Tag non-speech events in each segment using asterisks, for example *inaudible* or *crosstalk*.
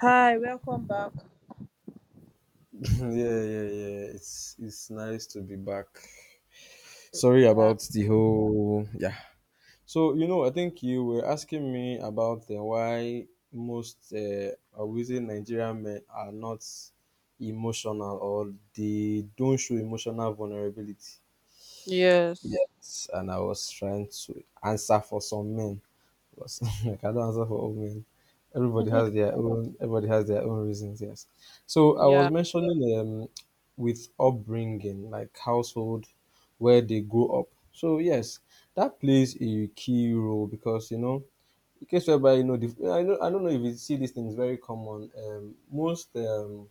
Hi, welcome back. *laughs* Yeah, yeah, yeah. It's nice to be back. Sorry Yeah. about the whole yeah. So I think you were asking me about the why most I would say Nigerian men are not emotional or they don't show emotional vulnerability. Yes. Yes, and I was trying to answer for some men. *laughs* Like I don't answer for all men. Everybody *laughs* has their own. Everybody has their own reasons. Yes. So I yeah. was mentioning with upbringing, like household, where they grow up. So yes, that plays a key role because you know, in case whereby you know, I know, I don't know if you see these things very common. Most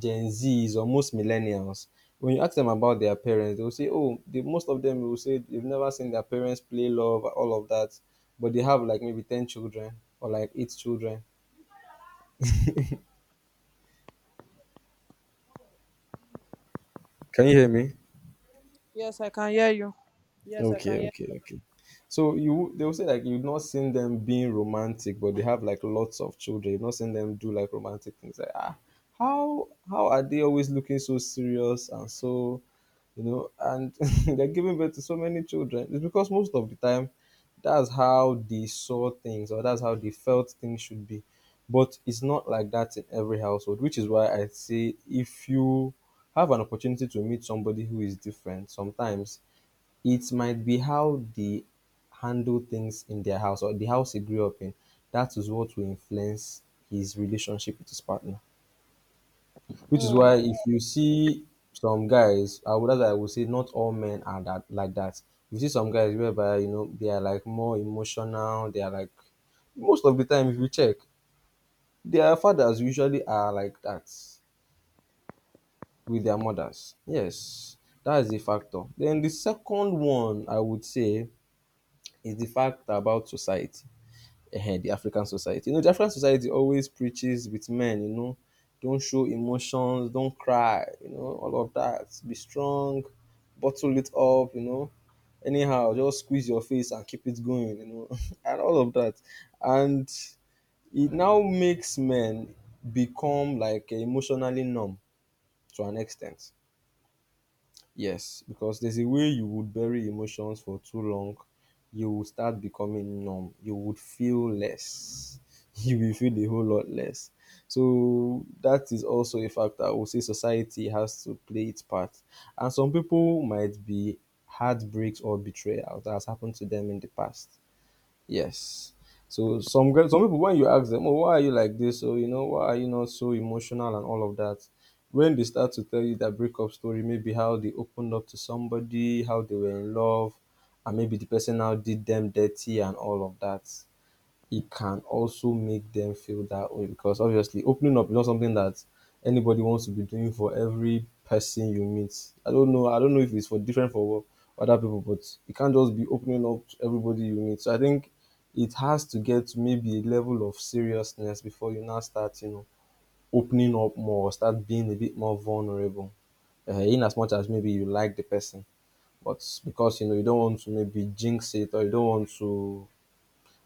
Gen Zs or most millennials, when you ask them about their parents, they will say, "Oh, most of them will say they've never seen their parents play love, all of that," but they have like maybe ten children or like eight children. Can you hear me? Yes, I can hear you. Yes, I can Okay, hear. okay, okay. So you they will say like you've not seen them being romantic, but they have like lots of children. You've not seen them do like romantic things. Like ah, how are they always looking so serious and so, you know, and *laughs* they're giving birth to so many children. It's because most of the time, that's how they saw things or that's how they felt things should be. But it's not like that in every household, which is why I say if you have an opportunity to meet somebody who is different, sometimes it might be how they handle things in their house or the house he grew up in. That is what will influence his relationship with his partner. Which is why Mm. if you see some guys, I would say not all men are that like that. You see some guys whereby you know they are like more emotional. They are like most of the time if you check, their fathers usually are like that with their mothers. Yes, that is a factor. Then the second one I would say is the fact about society. The African society. You know, the African society always preaches with men, you know, don't show emotions, don't cry, you know, all of that. Be strong, bottle it up, you know. Anyhow, just squeeze your face and keep it going, you know, *laughs* and all of that. And it now makes men become like emotionally numb to an extent. Yes, because there's a way you would bury emotions for too long, you will start becoming numb. You would feel less. *laughs* You will feel a whole lot less. So that is also a factor. I would say society has to play its part. And some people might be heartbreaks or betrayal that has happened to them in the past. Yes. So some girls, some people, when you ask them, "Oh, why are you like this? Oh, you know, why are you not so emotional?" and all of that, when they start to tell you that breakup story, maybe how they opened up to somebody, how they were in love, and maybe the person now did them dirty and all of that, it can also make them feel that way because obviously opening up is not something that anybody wants to be doing for every person you meet. I don't know. I don't know if it's for different for other people, but you can't just be opening up to everybody you meet. So I think it has to get to maybe a level of seriousness before you now start, you know, opening up more, start being a bit more vulnerable. In as much as maybe you like the person, but because you know you don't want to maybe jinx it or you don't want to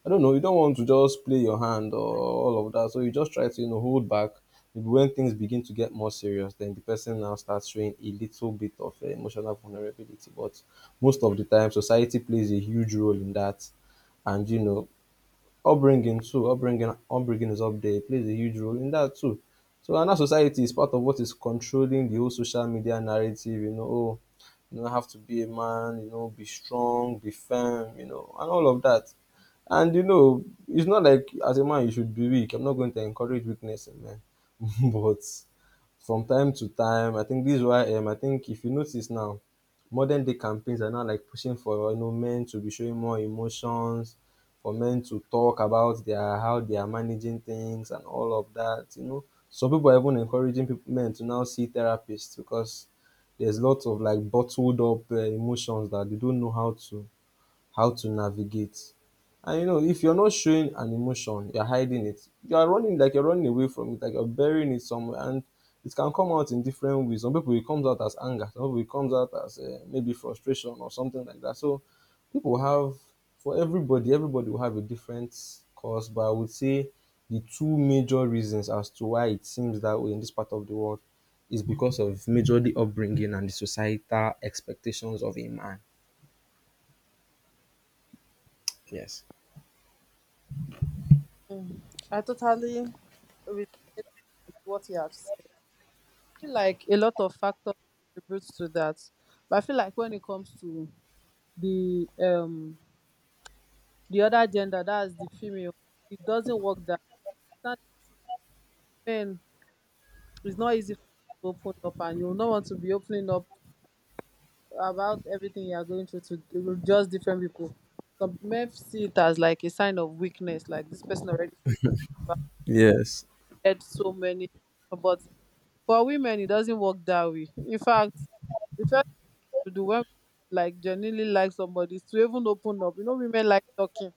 I don't know, you don't want to just play your hand or all of that. So you just try to, you know, hold back. Maybe when things begin to get more serious, then the person now starts showing a little bit of emotional vulnerability. But most of the time, society plays a huge role in that. And, you know, upbringing is up there. It plays a huge role in that too. So and that society is part of what is controlling the whole social media narrative, you know. Oh, you know, have to be a man, you know, be strong, be firm, you know, and all of that. And you know, it's not like as a man you should be weak. I'm not going to encourage weakness, man. *laughs* But from time to time. I think this is why I think if you notice now, modern day campaigns are now like pushing for you know men to be showing more emotions, for men to talk about their how they are managing things and all of that. You know, some people are even encouraging people, men to now see therapists because there's lots of like bottled up emotions that they don't know how to navigate. And you know, if you're not showing an emotion, you're hiding it. You are running, like you're running away from it, like you're burying it somewhere, and it can come out in different ways. Some people it comes out as anger, some people it comes out as maybe frustration or something like that. So people have for everybody, everybody will have a different cause, but I would say the two major reasons as to why it seems that way in this part of the world is because of majorly upbringing and the societal expectations of a man. Yes. Mm. I totally relate with what you have said. I feel like a lot of factors contribute to that, but I feel like when it comes to the the other gender, that's the female, it doesn't work that, men, it's not easy to open up, and you will not want to be opening up about everything you are going through to with just different people. Some men see it as like a sign of weakness, like this person already Yes. had so many. But for women, it doesn't work that way. In fact, the first thing to do when like genuinely like somebody is to even open up. You know, women like talking.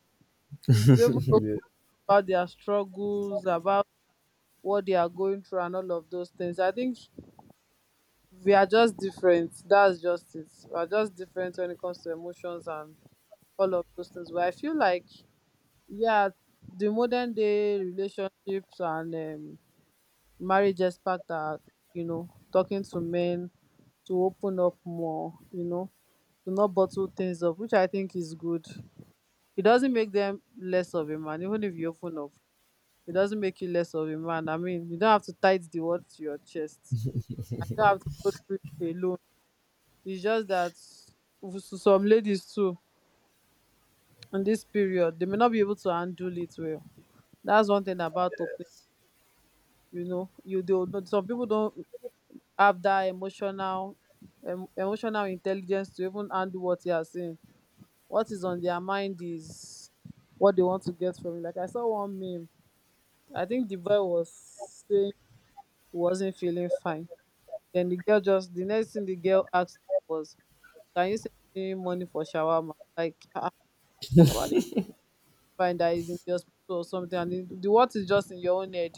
It's to even talk Yeah. about their struggles, about what they are going through, and all of those things. I think we are just different. That's just it. We are just different when it comes to emotions and all of those things. But I feel like, yeah, the modern day relationships and marriage experts are, you know, talking to men to open up more, you know, to not bottle things up, which I think is good. It doesn't make them less of a man, even if you open up. It doesn't make you less of a man. I mean, you don't have to tie the word to your chest. I don't have to go through it alone. It's just that with some ladies too, in this period, they may not be able to handle it well. That's one thing about, you know, you do will not, some people don't have that emotional intelligence to even handle what they are saying. What is on their mind is what they want to get from it. Like, I saw one meme. I think the boy was saying he wasn't feeling fine, then the girl, just the next thing the girl asked was, can you send me money for shawarma? Like, ah, somebody find that is in the hospital or something, and the what is just in your own head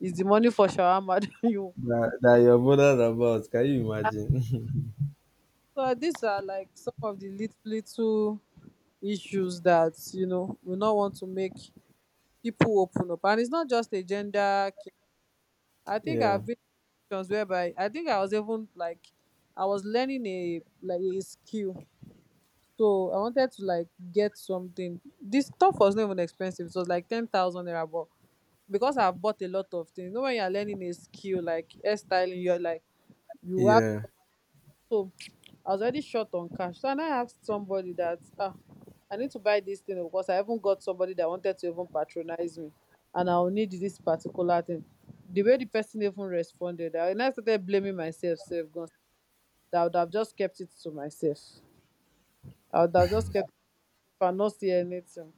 is the money for shawarma *laughs* that you. That you're bothered about. Can you imagine? *laughs* So these are like some of the little issues that, you know, we not want to make people open up, and it's not just a gender. I think Yeah. I've been in situations whereby I think I was even like I was learning a like a skill, so I wanted to like get something. This stuff was not even expensive; it was like 10,000 naira, but because I've bought a lot of things. You know, when you're learning a skill like hairstyling, you're like you have, Yeah. so I was already short on cash. So and I asked somebody that, ah, I need to buy this thing, oh, because I haven't got somebody that wanted to even patronize me and I'll need this particular thing. The way the person even responded, I and I started blaming myself, self guns. That I would have just kept it to myself. I would have just kept it and not say anything.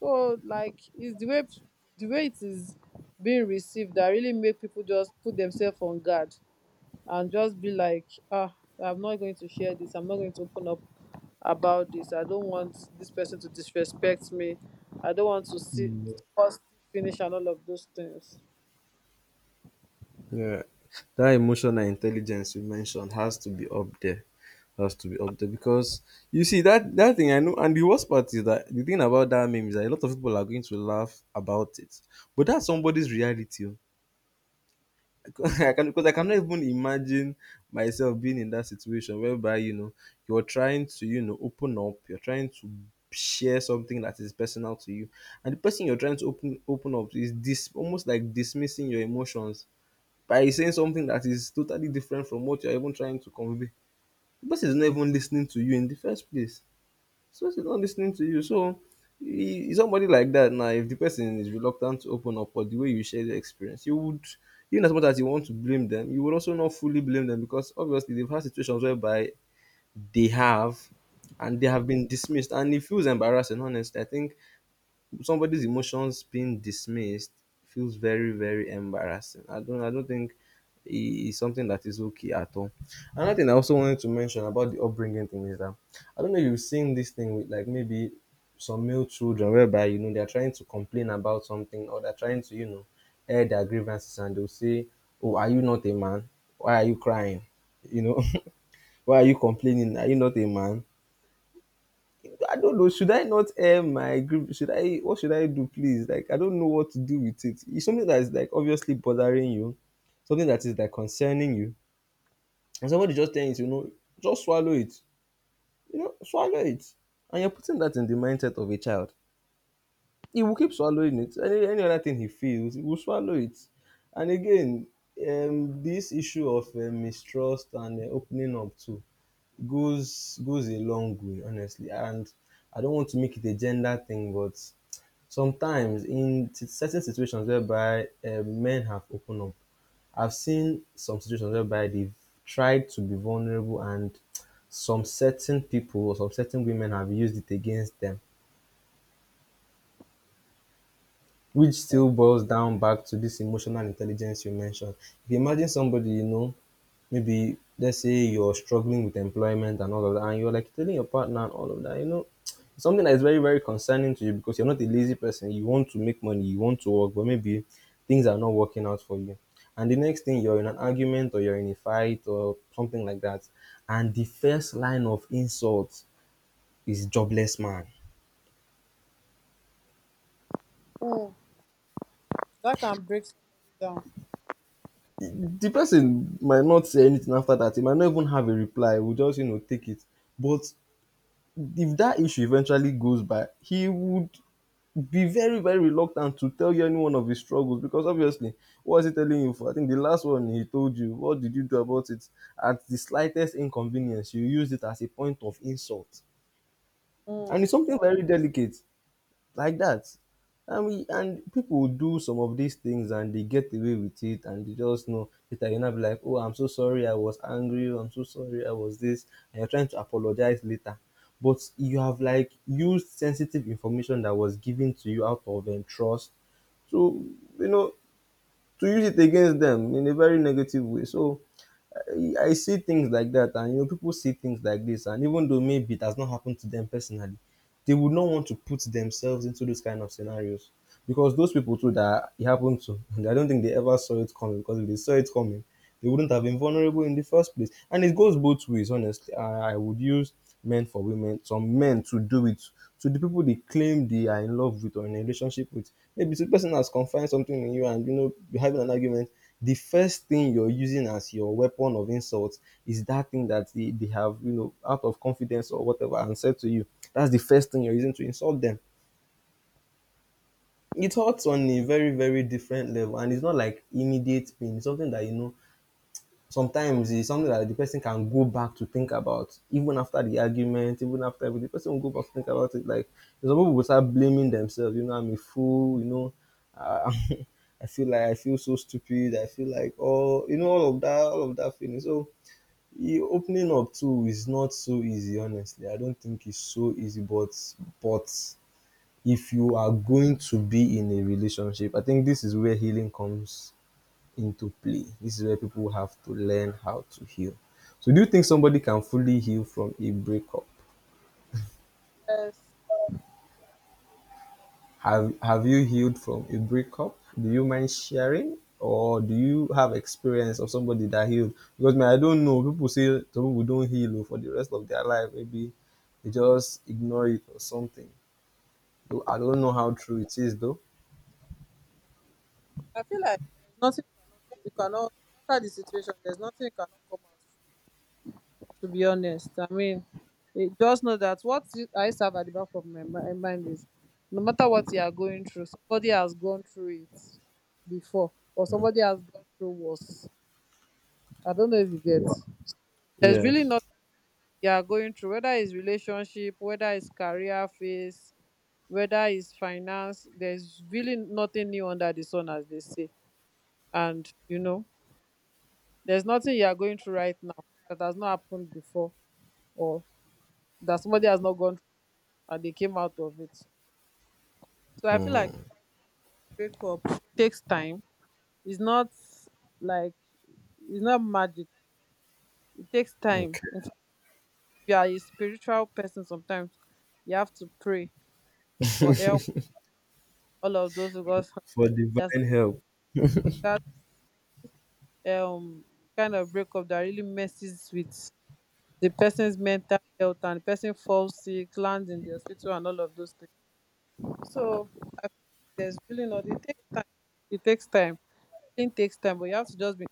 So like it's the way it is being received that really make people just put themselves on guard and just be like, ah, I'm not going to share this. I'm not going to open up about this. I don't want this person to disrespect me. I don't want to see Mm. us finish and all of those things. Yeah. That emotional intelligence you mentioned has to be up there. Has to be up there because you see that thing I know, and the worst part is that the thing about that meme is that a lot of people are going to laugh about it. But that's somebody's reality. Oh. *laughs* Because I cannot even imagine myself being in that situation whereby you know you're trying to you know open up, you're trying to share something that is personal to you, and the person you're trying to open up to is this almost like dismissing your emotions by saying something that is totally different from what you're even trying to convey. The person is not even listening to you in the first place. So it's not listening to you. So somebody like that now, if the person is reluctant to open up or the way you share the experience, you would, even as much as you want to blame them, you would also not fully blame them because obviously they've had situations whereby they have they have been dismissed, and it feels embarrassing, honestly. I think somebody's emotions being dismissed feels very, very embarrassing. I don't think is something that is okay at all. Another thing I also wanted to mention about the upbringing thing is that I don't know if you've seen this thing with like maybe some male children whereby you know they're trying to complain about something or they're trying to you know air their grievances, and they'll say, "Oh, are you not a man? Why are you crying? You know, *laughs* why are you complaining? Are you not a man?" I don't know. Should I not air my grief? Should I? What should I do, please? Like, I don't know what to do with it. It's something that is like obviously bothering you, something that is like concerning you, and somebody just telling you, you know, just swallow it. You know, swallow it, and you're putting that in the mindset of a child. He will keep swallowing it. Any other thing he feels, he will swallow it. And again, this issue of mistrust and opening up to goes a long way, honestly. And I don't want to make it a gender thing, but sometimes certain situations whereby men have opened up, I've seen some situations whereby they've tried to be vulnerable, and some certain people or some certain women have used it against them, which Like, still boils down back to this emotional intelligence you mentioned. If you imagine somebody, you know, maybe let's say you're struggling with employment and all of that, and you're like telling your partner and all of that, you know, it's something that is very, very concerning to you because you're not a lazy person. You want to make money, you want to work, but maybe things are not working out for you. And the next thing you're in an argument or you're in a fight or something like that, and the first line of insult is jobless man. mm, that can break somebody down. The person might not say anything after that. He might not even have a reply. We'll just, you know, take it. But if that issue eventually goes by, he would be very, very reluctant to tell you any one of his struggles because obviously, what is he telling you for? I think the last one he told you, what did you do about it? At the slightest inconvenience, you used it as a point of insult. And it's Mm. something very delicate. Like that. And people will do some of these things and they get away with it and they just know later you not be like, oh, I'm so sorry, I was angry, I'm so sorry, I was this, and you're trying to apologize later. But you have like used sensitive information that was given to you out of trust. So you know to use it against them in a very negative way. So I see things like that, and you know, people see things like this, and even though maybe it has not happened to them personally, they would not want to put themselves into those kind of scenarios because those people too that it happened to, *laughs* and I don't think they ever saw it coming because if they saw it coming, they wouldn't have been vulnerable in the first place. And it goes both ways, honestly. I would use men for women, some men to do it to the people they claim they are in love with or in a relationship with. Maybe so the person has confided something in you and you know you're having an argument. The first thing you're using as your weapon of insult is that thing that they have, you know, out of confidence or whatever, and said to you. That's the first thing you're using to insult them. It hurts on a very, very different level, and it's not like immediate pain, it's something that you know sometimes it's something that the person can go back to think about even after the argument, even after the person will go back to think about it like some people will start blaming themselves, you know, I'm a fool, you know, uh, *laughs* I feel like I feel so stupid, I feel like, oh, you know, all of that, all of that feeling. So you opening up too is not so easy, honestly, I don't think it's so easy, but if you are going to be in a relationship, I think this is where healing comes into play. This is where people have to learn how to heal. So, do you think somebody can fully heal from a breakup? Yes, Have you healed from a breakup? Do you mind sharing, or do you have experience of somebody that healed? Because man, I don't know. People say some people don't heal oh, for the rest of their life. Maybe they just ignore it or something. Though I don't know how true it is though. I feel like there's nothing you cannot, no matter the situation, there's nothing you cannot come out. To be honest, I mean, just know that I used to have at the back of my mind is, no matter what you are going through, somebody has gone through it before, or somebody has gone through worse. I don't know if you get. Wow. There's really not, you are going through, whether it's relationship, whether it's career phase, whether it's finance, there's really nothing new under the sun, as they say. And, you know, there's nothing you are going through right now that has not happened before or that somebody has not gone and they came out of it. So I feel like breakup takes time. It's not like, it's not magic. It takes time. Okay. In fact, if you are a spiritual person, sometimes you have to pray for help. All of those, because For there's divine help. that um kind of breakup that really messes with the person's mental health and the person falls sick, lands in the hospital, and all of those things. So I feel like there's really not. It takes time. It takes time. It takes time, but you have to just be,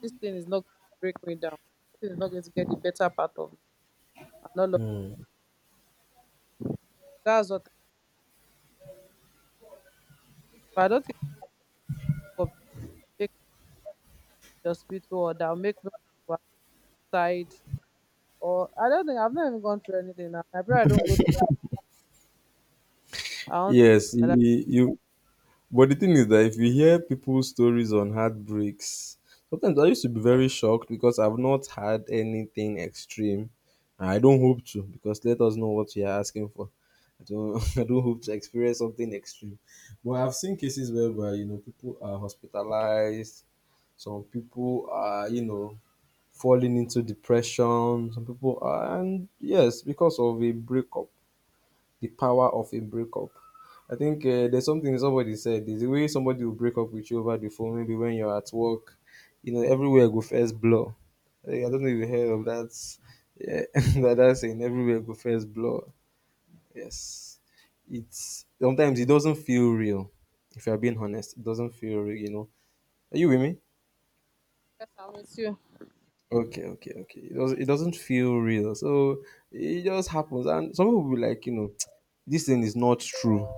this thing is not going to break me down. This thing is not going to get the better part of me. And all of that's what, I don't think I'll make the hospital or that'll make me want to side. Or I don't think I've not even gone through anything now. I pray I don't go through anything. I Yes, don't. you. But the thing is that if you hear people's stories on heartbreaks, sometimes I used to be very shocked because I've not had anything extreme. And I don't hope to because let us know what you are asking for. I don't, *laughs* I don't hope to experience something extreme. But I've seen cases whereby, you know, people are hospitalized, some people are, you know, falling into depression, some people are, and yes, because of a breakup, the power of a breakup. I think there's something somebody said. There's the way somebody will break up with you over the phone, maybe when you're at work, you know, everywhere go first blur. Eh, I don't know if you heard of that. Yeah, *laughs* that saying, everywhere go first blur. Yes. It's sometimes it doesn't feel real. If you're being honest, it doesn't feel real, you know. Are you with me? Yes, I'm with you. Okay, okay, okay. It doesn't feel real. So it just happens. And some people will be like, you know, *tsk* this thing is not true.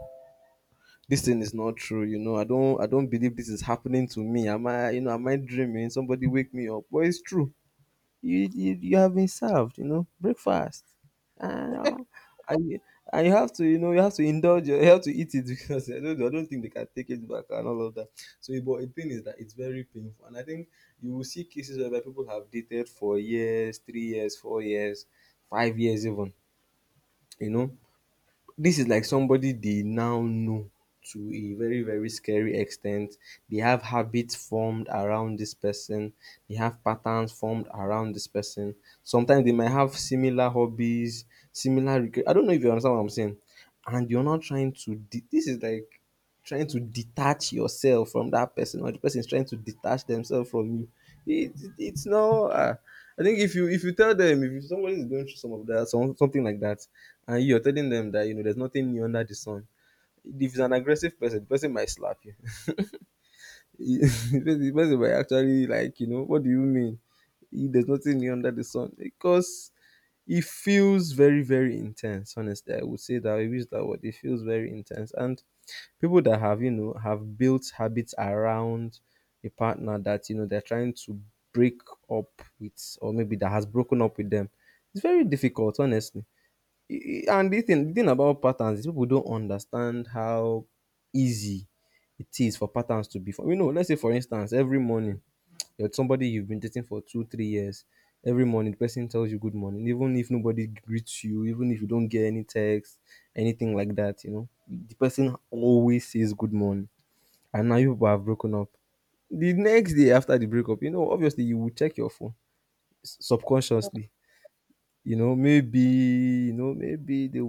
This thing is not true, you know, I don't believe this is happening to me. Am I, you know, am I dreaming? Somebody wake me up. But it's true. You have been served, you know, breakfast and, uh, and you, and you have to, you know, you have to indulge, you have to eat it, *laughs* because I don't think they can take it back and all of that. So but the thing is that it's very painful, and I think you will see cases where people have dated for years, 3 years, 4 years, 5 years even, you know, this is like somebody they now know to a very, very scary extent. They have habits formed around this person, they have patterns formed around this person, sometimes they might have similar hobbies, similar regret. I don't know if you understand what I'm saying, and you're not trying to de- this is like trying to detach yourself from that person, or the person is trying to detach themselves from you. It's not I think if you tell them, if somebody is going through some of that, something like that, and you're telling them that, you know, there's nothing new under the sun. If it's an aggressive person, the person might slap you. *laughs* The person might actually like, you know, what do you mean? There's nothing new under the sun because it feels very, very intense. Honestly, I would say that I use that word. It feels very intense, and people that have, you know, have built habits around a partner that, you know, they're trying to break up with, or maybe that has broken up with them, it's very difficult, honestly. And the thing about patterns is people don't understand how easy it is for patterns to be formed. You know, let's say, for instance, every morning, you're somebody you've been dating for two, 3 years, every morning the person tells you good morning, even if nobody greets you, even if you don't get any text, anything like that, you know, the person always says good morning. And now you people have broken up. The next day after the breakup, you know, obviously you will check your phone subconsciously. You know, maybe they will